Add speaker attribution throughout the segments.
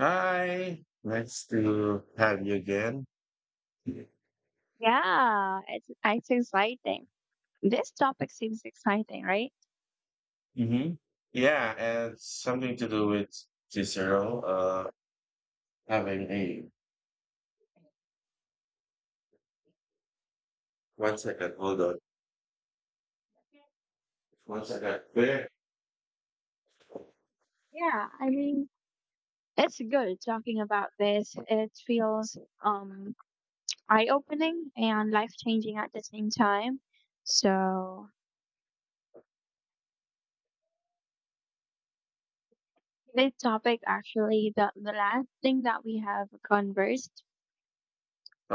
Speaker 1: Hi, nice to have you again.
Speaker 2: Yeah, it's exciting. This topic seems exciting, right?
Speaker 1: Mm-hmm. Yeah, and something to do with Cicero, having a 1 second, hold on. 1 second. There.
Speaker 2: Yeah, I mean, it's good talking about this. It feels um eye-opening and life-changing at the same time. So, this topic actually the last thing that we have conversed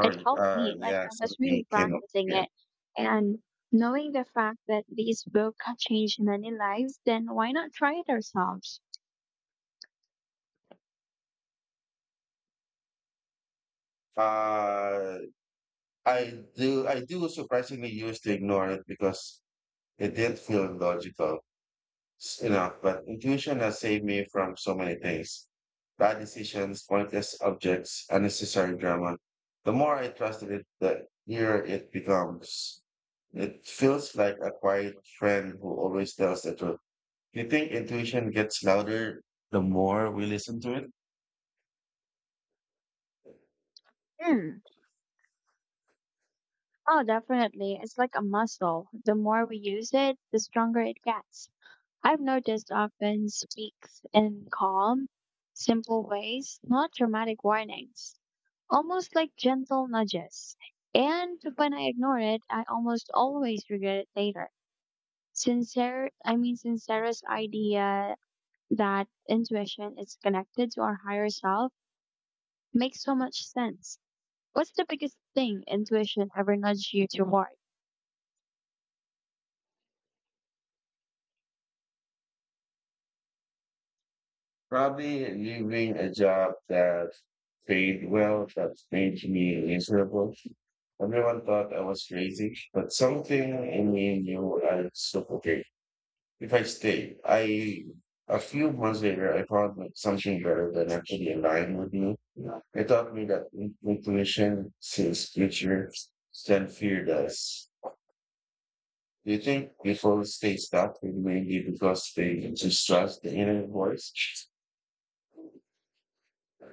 Speaker 2: it helped me. Like
Speaker 1: yeah,
Speaker 2: I was
Speaker 1: something
Speaker 2: really
Speaker 1: came up.
Speaker 2: practicing
Speaker 1: Yeah.
Speaker 2: it. And knowing the fact that this book had changed many lives, then why not try it ourselves?
Speaker 1: Uh, I do surprisingly used to ignore it because it didn't feel logical. You know, but intuition has saved me from so many things. Bad decisions, pointless objects, unnecessary drama. The more I trusted it, the clearer it becomes. It feels like a quiet friend who always tells the truth. Do you think intuition gets louder the more we listen to it?
Speaker 2: Hmm. Oh, definitely. It's like a muscle. The more we use it, the stronger it gets. I've noticed often speaks in calm, simple ways, not dramatic warnings, almost like gentle nudges. And when I ignore it, I almost always regret it later. Sincere's idea that intuition is connected to our higher self makes so much sense. What's the biggest thing intuition ever nudged you toward?
Speaker 1: Probably leaving a job that paid well, that made me miserable. Everyone thought I was crazy, but something in me knew I'd suffocate. If I stayed, I a few months later I found that something better than actually aligned with me. It taught me that intuition sees future than fear does. Do you think people stay stuck with mainly because they just trust the inner voice?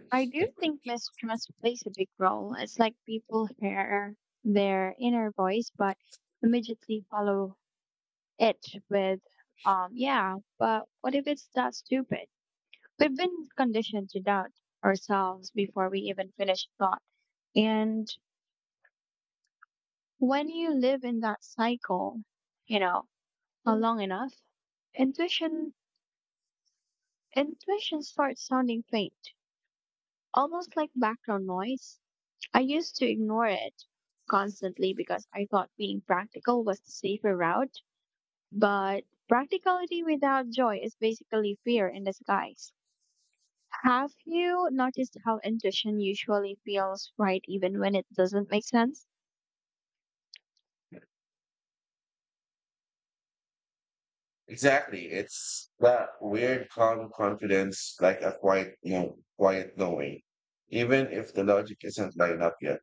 Speaker 2: I do think mistrust plays a big role. It's like people hear their inner voice, but immediately follow it with, yeah, but what if it's that stupid? We've been conditioned to doubt ourselves before we even finish thought. And when you live in that cycle, you know, long enough, intuition, intuition starts sounding faint, almost like background noise. I used to ignore it constantly because I thought being practical was the safer route. But practicality without joy is basically fear in disguise. Have you noticed how intuition usually feels right even when it doesn't make sense?
Speaker 1: Exactly. It's that weird calm confidence, like a quiet, quiet knowing, even if the logic isn't lined up yet.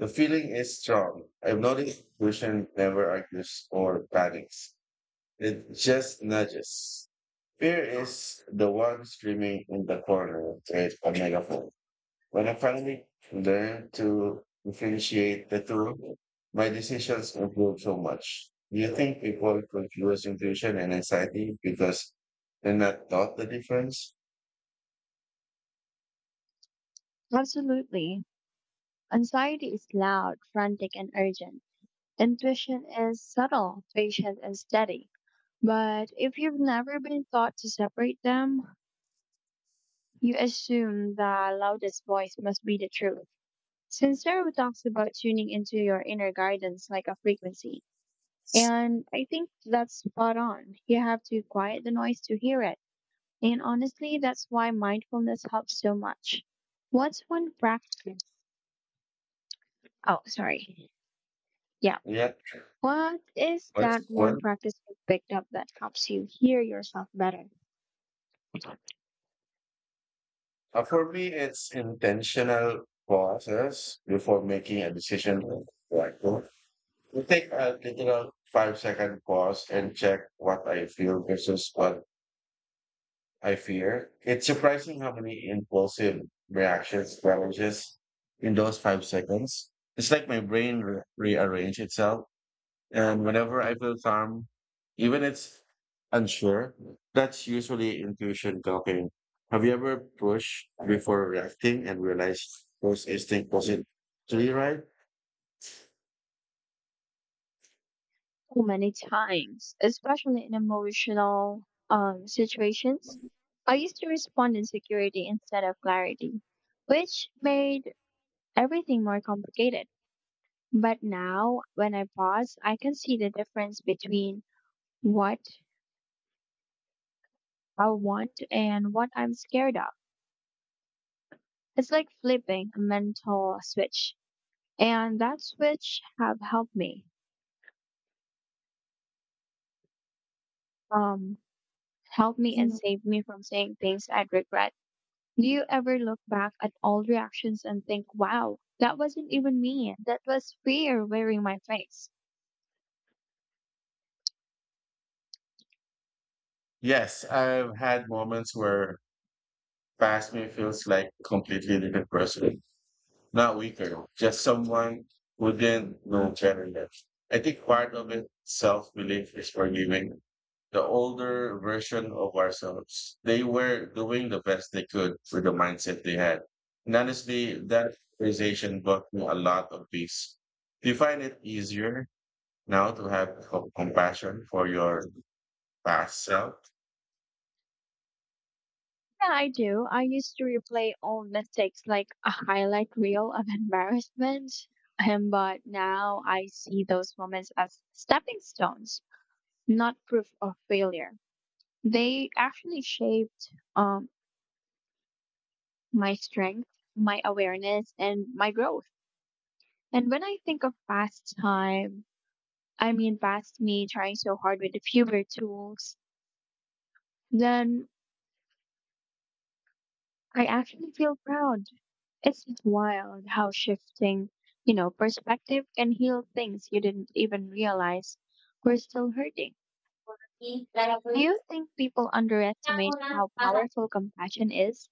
Speaker 1: The feeling is strong. I've noticed intuition never argues or panics. It just nudges. Fear is the one screaming in the corner with a megaphone. When I finally learned to differentiate the two, my decisions improved so much. Do you think people confuse intuition and anxiety because they're not taught the difference
Speaker 2: Absolutely. Anxiety is loud, frantic, and urgent. Intuition is subtle, patient, and steady. But if you've never been taught to separate them, you assume the loudest voice must be the truth. Sincero talks about tuning into your inner guidance like a frequency. And I think that's spot on. You have to quiet the noise to hear it. And honestly, that's why mindfulness helps so much. What's one practice? Oh, sorry. Yeah.
Speaker 1: yet?
Speaker 2: What is
Speaker 1: What's
Speaker 2: that one
Speaker 1: one?
Speaker 2: practice you picked up that helps you hear yourself better?
Speaker 1: For me, it's intentional pauses before making a decision. Like, we take a literal 5 second pause and check what I feel versus what I fear. It's surprising how many impulsive reactions manages in those 5 seconds. It's like my brain rearrange itself and whenever I feel calm, even it's unsure, that's usually intuition talking. Have you ever pushed before reacting and realized first instinct wasn't really right?
Speaker 2: So many times, especially in emotional situations. I used to respond in security instead of clarity, which made everything more complicated. But now, when I pause, I can see the difference between what I want and what I'm scared of. It's like flipping a mental switch, and that switch have um, helped me and
Speaker 1: Mm.
Speaker 2: saved me from saying things I'd regret. Do you ever look back at old reactions and think, wow, that wasn't even me. That was fear wearing my face.
Speaker 1: Yes, I've had moments where past me feels like completely different person, not weaker, just someone who didn't know better yet. I think part of it, self belief, is forgiving the older version of ourselves. They were doing the best they could with the mindset they had. And honestly, that realization brought me a lot of peace. Do you find it easier now to have compassion for your past self?
Speaker 2: Yeah, I do. I used to replay old mistakes like a highlight reel of embarrassment. But now I see those moments as stepping stones, not proof of failure. They actually shaped my strength, my awareness, and my growth. And when I think of past time, I mean, past me trying so hard with the fewer tools, then I actually feel proud. It's wild how shifting perspective can heal things you didn't even realize were still hurting. Do you think people underestimate how powerful compassion is?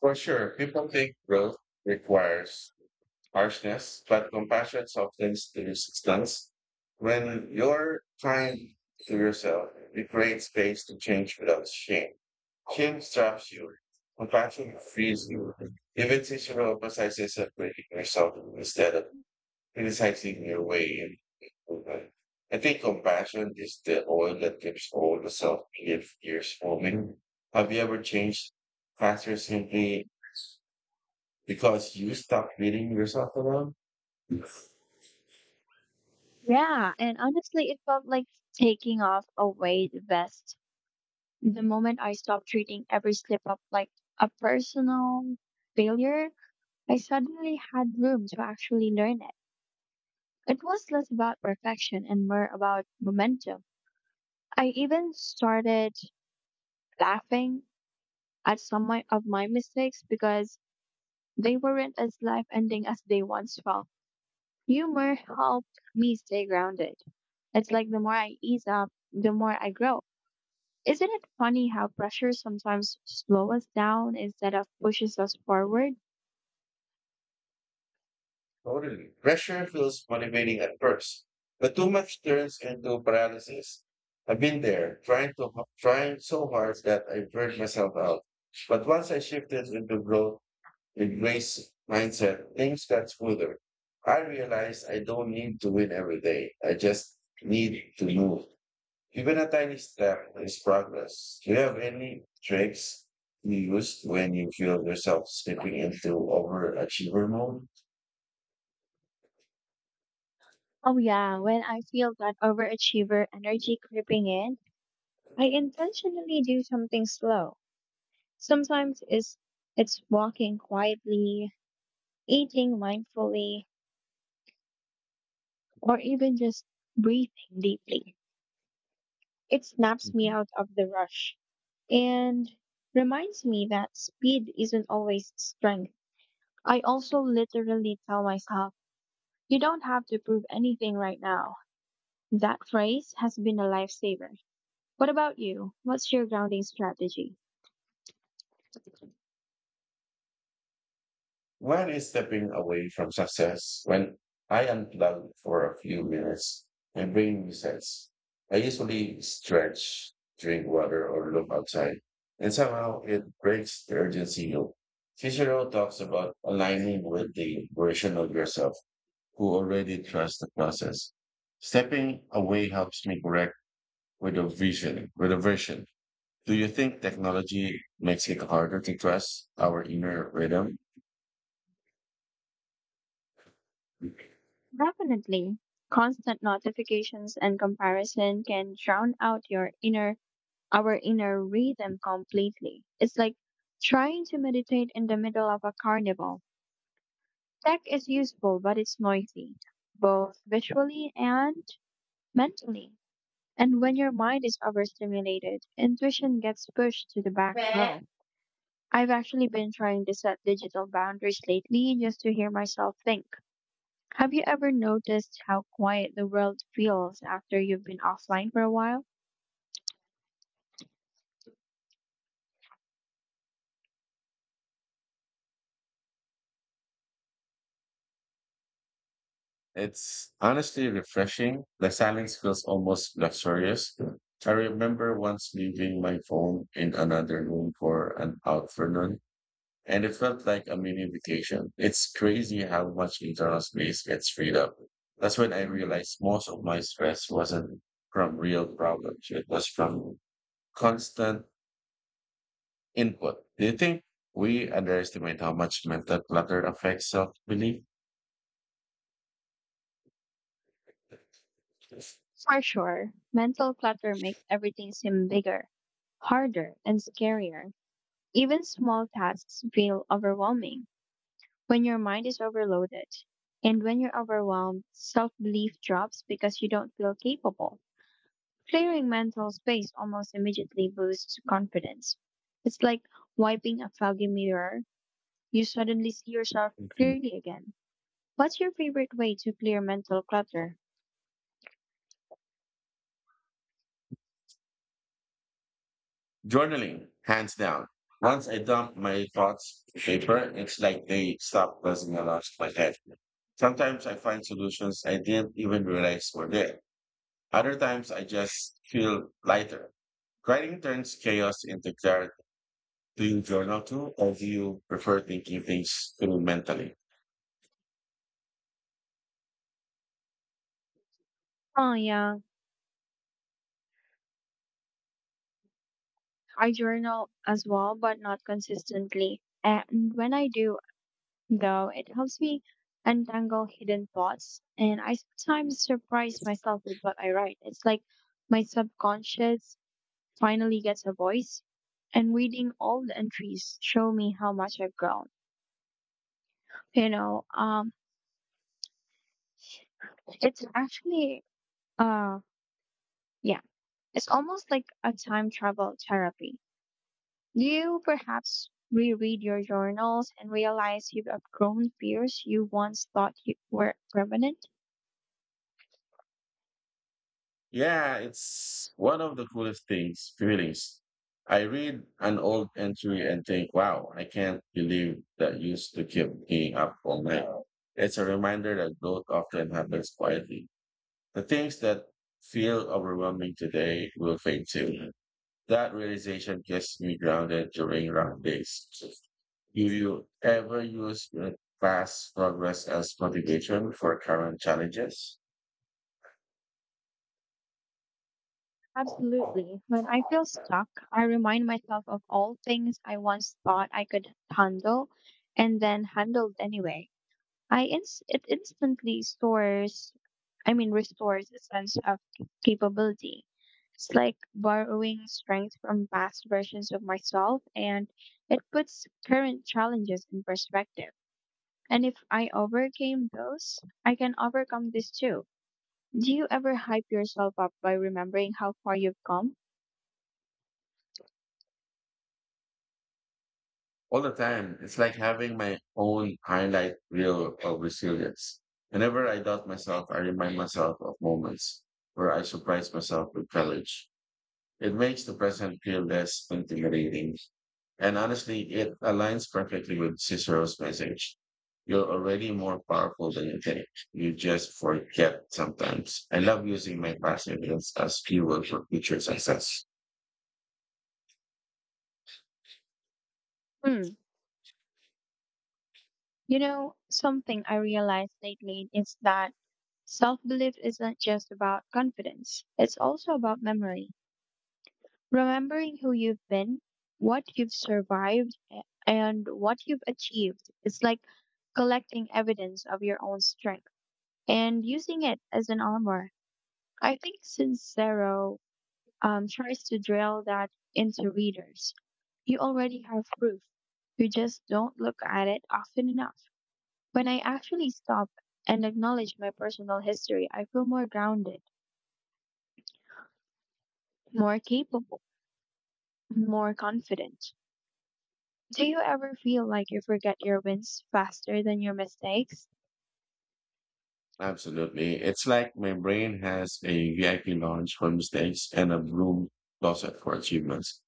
Speaker 1: For sure, people think growth requires harshness, but compassion softens the resistance. When you're kind to yourself, you create space to change without shame. Shame traps you. Compassion frees you. Even Cicero emphasizes separating yourself instead of criticizing your way in improvement. I think compassion is the oil that keeps all the self-belief gears moving. Have you ever changed faster simply because you stopped beating yourself alone?
Speaker 2: Yeah, and honestly, it felt like taking off a weight vest. The moment I stopped treating every slip up like a personal failure, I suddenly had room to actually learn it. It was less about perfection and more about momentum. I even started laughing at some of my mistakes because they weren't as life ending as they once felt. Humor helped me stay grounded. It's like the more I ease up, the more I grow. Isn't it funny how pressure sometimes slows us down instead of pushes us forward?
Speaker 1: Totally. Pressure feels motivating at first, but too much turns into paralysis. I've been there, trying so hard that I burnt myself out. But once I shifted into growth and grace mindset, things got smoother. I realized I don't need to win every day. I just need to move. Even a tiny step is progress. Do you have any tricks you use when you feel yourself slipping into overachiever mode?
Speaker 2: Oh, yeah, when I feel that overachiever energy creeping in, I intentionally do something slow. Sometimes it's walking quietly, eating mindfully, or even just breathing deeply. It snaps me
Speaker 1: Mhm.
Speaker 2: out of the rush and reminds me that speed isn't always strength. I also literally tell myself, you don't have to prove anything right now. That phrase has been a lifesaver. What about you? What's your grounding strategy?
Speaker 1: When is stepping away from success? When I unplug for a few minutes and brain resets, I usually stretch, drink water, or look outside, and somehow it breaks the urgency loop. Cicero talks about aligning with the version of yourself who already trust the process. Stepping away helps me correct with a vision. Do you think technology makes it harder to trust our inner rhythm?
Speaker 2: Definitely. Constant notifications and comparison can drown out your inner our inner rhythm completely. It's like trying to meditate in the middle of a carnival. Tech is useful, but it's noisy, both visually and mentally. And when your mind is overstimulated, intuition gets pushed to the back row. I've actually been trying to set digital boundaries lately just to hear myself think. Have you ever noticed how quiet the world feels after you've been offline for a while?
Speaker 1: It's honestly refreshing. The silence feels almost luxurious. I remember once leaving my phone in another room for an afternoon. And it felt like a mini vacation. It's crazy how much internal space gets freed up. That's when I realized most of my stress wasn't from real problems. It was from constant input. Do you think we underestimate how much mental clutter affects self-belief?
Speaker 2: For sure, mental clutter makes everything seem bigger, harder, and scarier. Even small tasks feel overwhelming when your mind is overloaded. And when you're overwhelmed, self belief drops because you don't feel capable. Clearing mental space almost immediately boosts confidence. It's like wiping a foggy mirror. You suddenly see yourself
Speaker 1: Mhm.
Speaker 2: clearly again. What's your favorite way to clear mental clutter?
Speaker 1: Journaling, hands down. Once I dump my thoughts to paper, it's like they stop buzzing around my head. Sometimes I find solutions I didn't even realize were there. Other times I just feel lighter. Writing turns chaos into clarity. Do you journal too, or do you prefer thinking things through mentally?
Speaker 2: Oh, yeah. I journal as well, but not consistently. And when I do, though, it helps me untangle hidden thoughts. And I sometimes surprise myself with what I write. It's like my subconscious finally gets a voice. And reading all the entries show me how much I've grown. You know, um, it's uh, yeah, it's almost like a time travel therapy. You perhaps reread your journals and realize you've outgrown fears you once thought you were permanent.
Speaker 1: Yeah, it's one of the coolest things, feelings. I read an old entry and think, wow, I can't believe that used to keep me up all night. It's a reminder that growth often happens quietly. The things that feel overwhelming today will fade too. That realization gets me grounded during rough days. Do you ever use past progress as motivation for current challenges?
Speaker 2: Absolutely. When I feel stuck, I remind myself of all things I once thought I could handle and then handled anyway. It instantly restores a sense of capability. It's like borrowing strength from past versions of myself and it puts current challenges in perspective. And if I overcame those, I can overcome this too. Do you ever hype yourself up by remembering how far you've come?
Speaker 1: All the time. It's like having my own highlight reel of resilience. Whenever I doubt myself, I remind myself of moments where I surprise myself with courage. It makes the present feel less intimidating. And honestly, it aligns perfectly with Cicero's message. You're already more powerful than you think. You just forget sometimes. I love using my past events as fuel for future success.
Speaker 2: Hmm. You know, something I realized lately is that self belief isn't just about confidence, it's also about memory. Remembering who you've been, what you've survived, and what you've achieved. It's like collecting evidence of your own strength and using it as an armor. I think Sincero tries to drill that into readers. You already have proof. You just don't look at it often enough. When I actually stop and acknowledge my personal history, I feel more grounded, more capable, more confident. Do you ever feel like you forget your wins faster than your mistakes?
Speaker 1: Absolutely. It's like my brain has a VIP lounge for mistakes and a broom closet for achievements.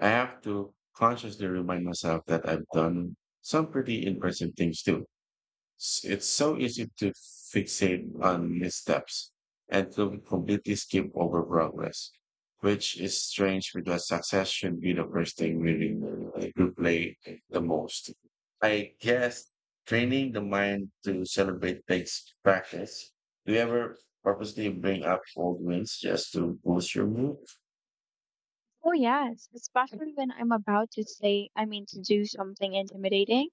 Speaker 1: I have to consciously remind myself that I've done some pretty impressive things too. It's so easy to fixate on missteps and to completely skip over progress, which is strange because success should be the first thing we replay the most. I guess training the mind to celebrate takes practice. Do you ever purposely bring up old wins just to boost your mood?
Speaker 2: Oh, yes, especially when I'm about to to do something intimidating.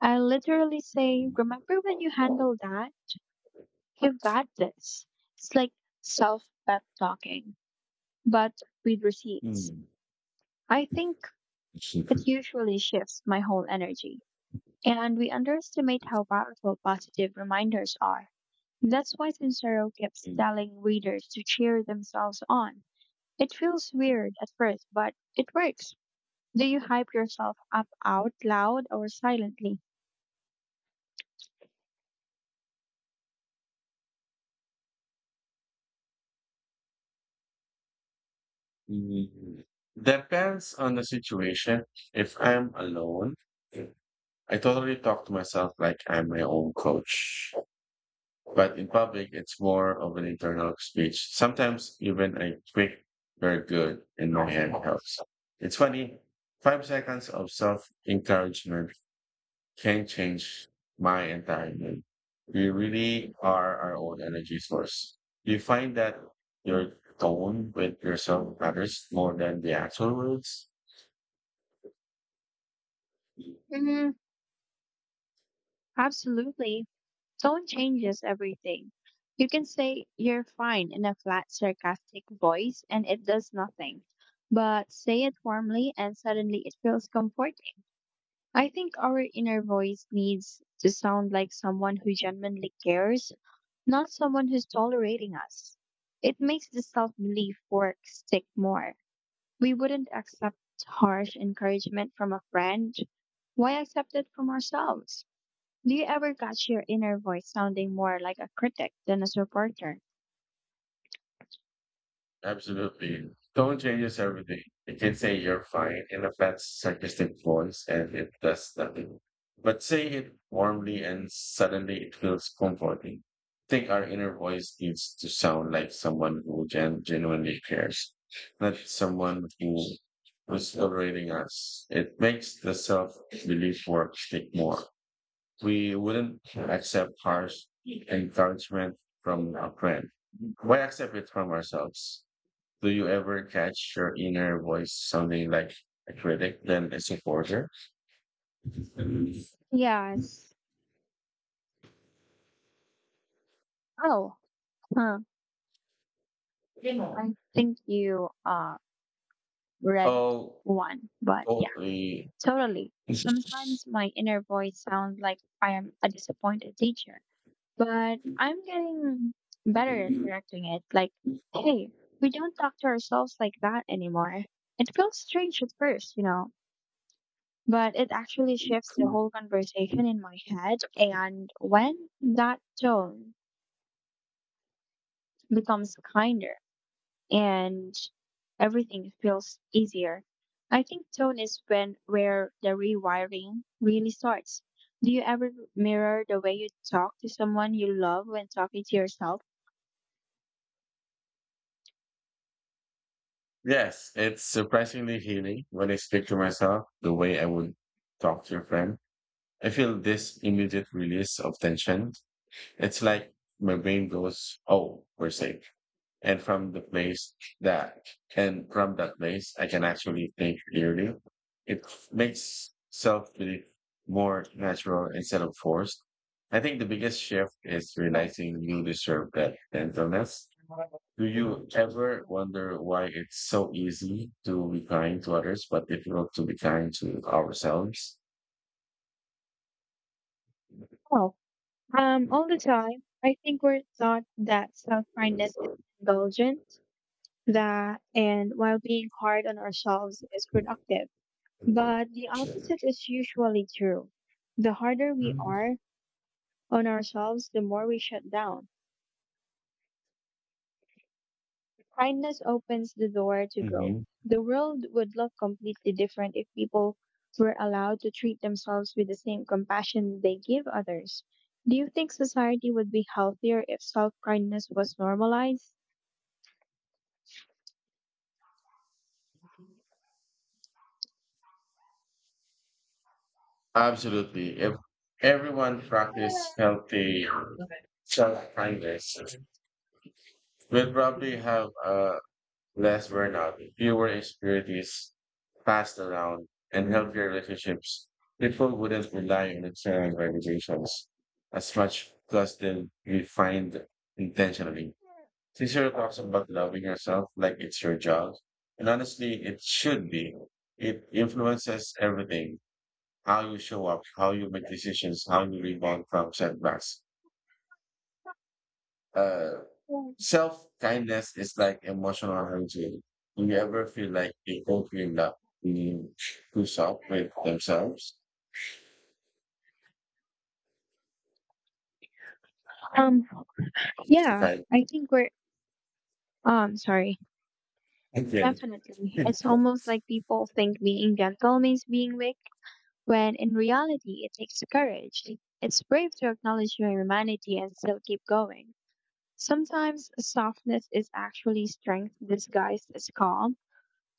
Speaker 2: I literally say, remember when you handled that? You've got this. It's like self pep talking, but with receipts.
Speaker 1: Hmm.
Speaker 2: I think it usually shifts my whole energy. And we underestimate how powerful positive reminders are. That's why Sincero keeps telling readers to cheer themselves on. It feels weird at first, but it works. Do you hype yourself up out loud or silently?
Speaker 1: Mm, Depends on the situation. If I'm alone, I totally talk to myself like I'm my own coach. But in public, it's more of an internal speech. Sometimes even a quick, very good in my head helps. It's funny, 5 seconds of self encouragement can change my entire mood. We really are our own energy source. Do you find that your tone with yourself matters more than the actual words?
Speaker 2: Mm, absolutely. Tone changes everything. You can say you're fine in a flat, sarcastic voice and it does nothing. But say it warmly and suddenly it feels comforting. I think our inner voice needs to sound like someone who genuinely cares, not someone who's tolerating us. It makes the self belief work stick more. We wouldn't accept harsh encouragement from a friend. Why accept it from ourselves? Do you ever catch your inner voice sounding more like a critic than a supporter?
Speaker 1: Absolutely. Tone changes everything. You can say you're fine in a fat, sarcastic voice, and it does nothing. But say it warmly, and suddenly it feels comforting. I think our inner voice needs to sound like someone who genuinely cares, not someone who was tolerating us. It makes the self belief work stick more. We wouldn't accept harsh encouragement from a friend. Why accept it from ourselves? Do you ever catch your inner voice sounding like a critic than a supporter?
Speaker 2: Yes. Oh, huh. I think you read
Speaker 1: Oh,
Speaker 2: one, but yeah,
Speaker 1: totally.
Speaker 2: totally. Sometimes my inner voice sounds like I am a disappointed teacher, but I'm getting better at correcting it. Like, hey, we don't talk to ourselves like that anymore. It feels strange at first, but it actually shifts the whole conversation in my head. And when that tone becomes kinder and everything feels easier, I think tone is when where the rewiring really starts. Do you ever mirror the way you talk to someone you love when talking to yourself?
Speaker 1: Yes, it's surprisingly healing when I speak to myself the way I would talk to a friend. I feel this immediate release of tension. It's like my brain goes, oh, we're safe. and from the place that and from that place I can actually think clearly. It makes self belief more natural instead of forced. I think the biggest shift is realizing you deserve that gentleness. Do you ever wonder why it's so easy to be kind to others but difficult to be kind to ourselves?
Speaker 2: Well, all the time. I think we're taught that self kindness is indulgent, that and while being hard on ourselves is productive. But the opposite is usually true. The harder we are on ourselves, the more we shut down. Kindness opens the door to growth.
Speaker 1: Mhm.
Speaker 2: The world would look completely different if people were allowed to treat themselves with the same compassion they give others. Do you think society would be healthier if self kindness was normalized?
Speaker 1: Absolutely. If everyone practiced healthy self-kindness will probably have less burnout, fewer insecurities passed around, and healthier relationships. People wouldn't rely on external validations as much because they'll be find intentionally. Cicero talks about loving yourself like it's your job. And honestly, it should be. It influences everything. How you show up, how you make decisions, how you rebound from setbacks. Uh, Self kindness is like emotional hygiene. Do you ever feel like people feel that being too soft with themselves?
Speaker 2: Um,
Speaker 1: It's the
Speaker 2: yeah,
Speaker 1: kind
Speaker 2: I think we're, sorry,
Speaker 1: again.
Speaker 2: definitely. It's almost like people think being gentle means being weak when in reality it takes courage. It's brave to acknowledge your humanity and still keep going. Sometimes softness is actually strength disguised as calm.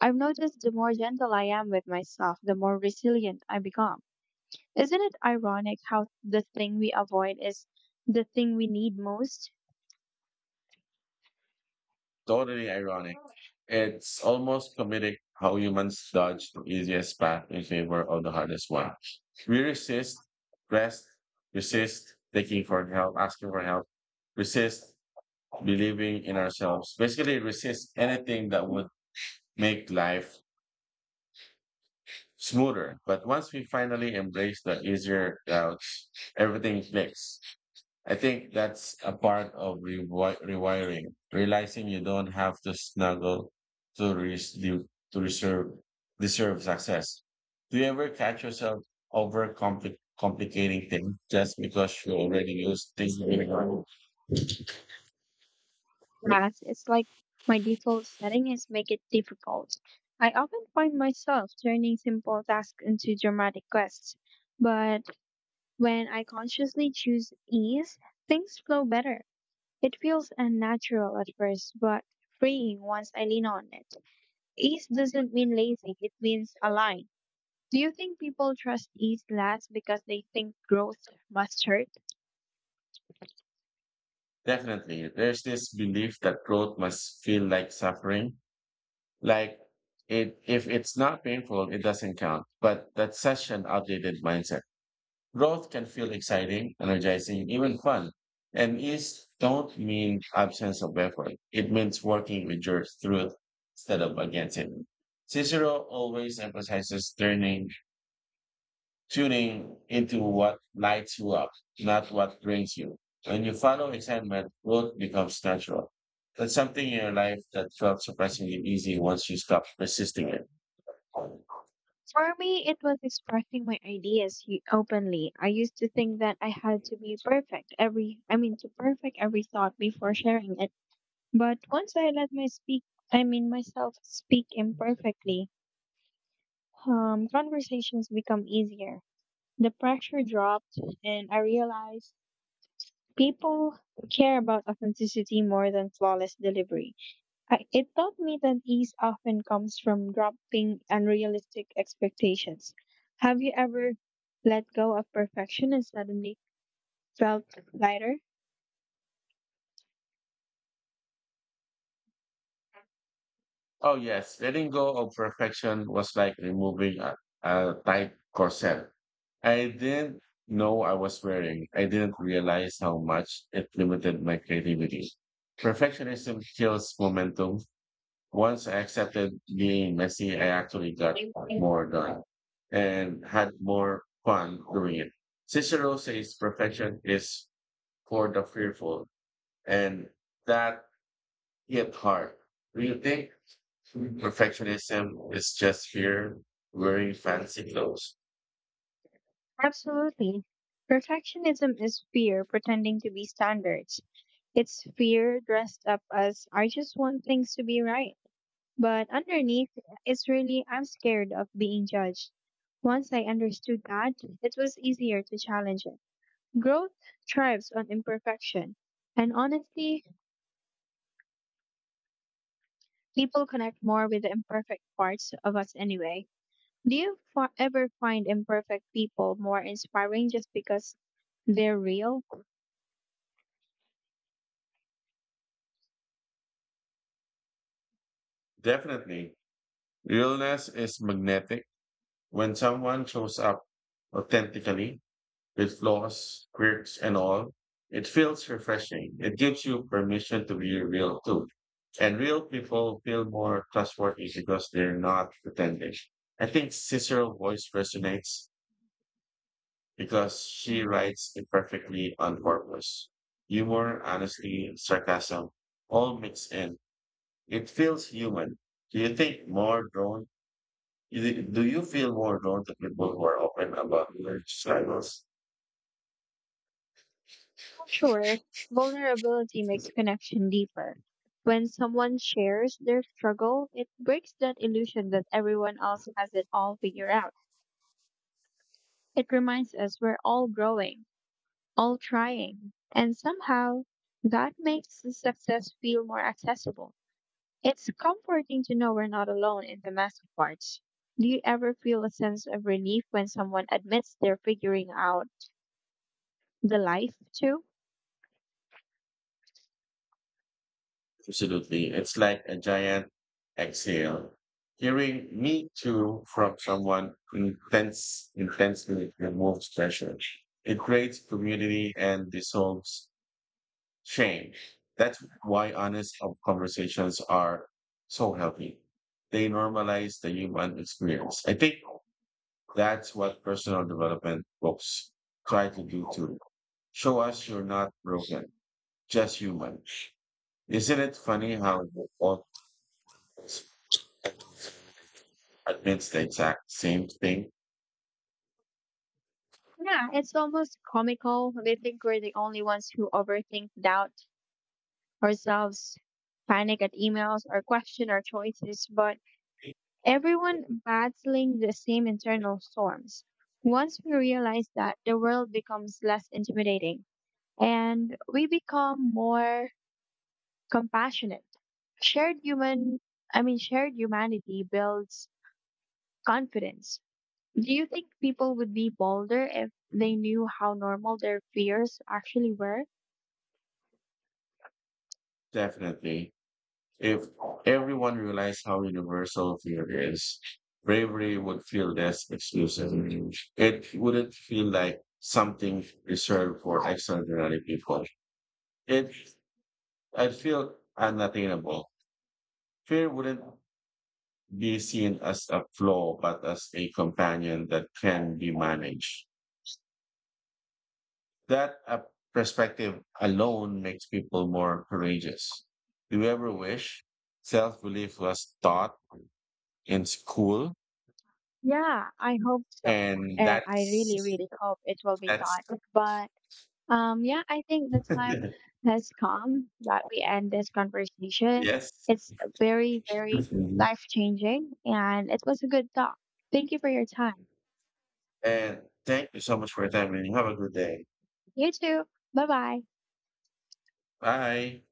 Speaker 2: I've noticed the more gentle I am with myself, the more resilient I become. Isn't it ironic how the thing we avoid is the thing we need most?
Speaker 1: Totally ironic. It's almost comedic how humans dodge the easiest path in favor of the hardest one. We rest, resist asking for help, resist believing in ourselves. Basically, resist anything that would make life smoother. But once we finally embrace the easier route, everything clicks. I think that's a part of rewiring, realizing you don't have to snuggle to, res- to reserve, deserve success. Do you ever catch yourself over complicating things just because you already use things?
Speaker 2: Yes, it's like my default setting is make it difficult. I often find myself turning simple tasks into dramatic quests, but when I consciously choose ease, things flow better. It feels unnatural at first, but freeing once I lean on it. Ease doesn't mean lazy, it means aligned. Do you think people trust ease less because they think growth must hurt?
Speaker 1: Definitely. There's this belief that growth must feel like suffering. Like it, if it's not painful, it doesn't count. But that's such an outdated mindset. Growth can feel exciting, energizing, even fun. And ease don't mean absence of effort. It means working with your truth instead of against it. Cicero always emphasizes tuning into what lights you up, not what brings you. When you follow excitement, growth becomes natural. That's something in your life that felt surprisingly easy once you stop resisting it.
Speaker 2: For me, it was expressing my ideas openly. I used to think that I had to be perfect to perfect every thought before sharing it. But once I let my speak, I mean, myself speak imperfectly, conversations become easier. The pressure dropped, and I realized people care about authenticity more than flawless delivery. It taught me that ease often comes from dropping unrealistic expectations. Have you ever let go of perfection and suddenly felt lighter?
Speaker 1: Oh yes, letting go of perfection was like removing a tight corset. I didn't know I was wearing. I didn't realize how much it limited my creativity. Perfectionism kills momentum. Once I accepted being messy, I actually got more done and had more fun doing it. Cicero says perfection is for the fearful, and that Yeah, part. Do you think perfectionism is just fear wearing fancy clothes?
Speaker 2: Absolutely. Perfectionism is fear pretending to be standards. It's fear dressed up as I just want things to be right. But underneath, it's really, I'm scared of being judged. Once I understood that, it was easier to challenge it. Growth thrives on imperfection. And honestly, people connect more with the imperfect parts of us anyway. Do you ever find imperfect people more inspiring just because they're real?
Speaker 1: Definitely. Realness is magnetic. When someone shows up authentically, with flaws, quirks, and all, it feels refreshing. It gives you permission to be real too. And real people feel more trustworthy because they're not pretending. I think Cicero voice resonates because she writes imperfectly on purpose. Humor, honesty, sarcasm, all mixed in. It feels human. Do you think more drawn? Do you feel more drawn to people who are open about their struggles?
Speaker 2: Sure, vulnerability makes connection deeper. When someone shares their struggle, it breaks that illusion that everyone else has it all figured out. It reminds us we're all growing, all trying, and somehow that makes the success feel more accessible. It's comforting to know we're not alone in the messy parts. Do you ever feel a sense of relief when someone admits they're figuring out the life too?
Speaker 1: Absolutely. It's like a giant exhale. Hearing me too from someone intense intensely removes pressure. It creates community and dissolves shame. That's why honest conversations are so healthy. They normalize the human experience. I think that's what personal development books try to do too. Show us you're not broken, just human. Isn't it funny how both admits the exact same thing?
Speaker 2: Yeah, it's almost comical. We think we're the only ones who overthink, doubt ourselves, panic at emails, or question our choices, but everyone battling the same internal storms. Once we realize that, the world becomes less intimidating and we become more compassionate. Shared human, shared humanity builds confidence. Do you think people would be bolder if they knew how normal their fears actually were?
Speaker 1: Definitely. If everyone realized how universal fear is, bravery would feel less exclusive. It wouldn't feel like something reserved for extraordinary people. It, I'd feel unattainable. Fear wouldn't be seen as a flaw, but as a companion that can be managed. That perspective alone makes people more courageous. Do you ever wish self belief was taught in school?
Speaker 2: Yeah, I hope so.
Speaker 1: And
Speaker 2: Eh, I really,
Speaker 1: that's
Speaker 2: really hope it will be
Speaker 1: that's
Speaker 2: taught. But yeah, I think the time has come that we end this conversation.
Speaker 1: yes.
Speaker 2: It's very, very
Speaker 1: Mhm.
Speaker 2: life changing, and it was a good talk. Thank you for your time.
Speaker 1: And thank you so much for your time, and you have a good day.
Speaker 2: You too. Bye bye.
Speaker 1: Bye.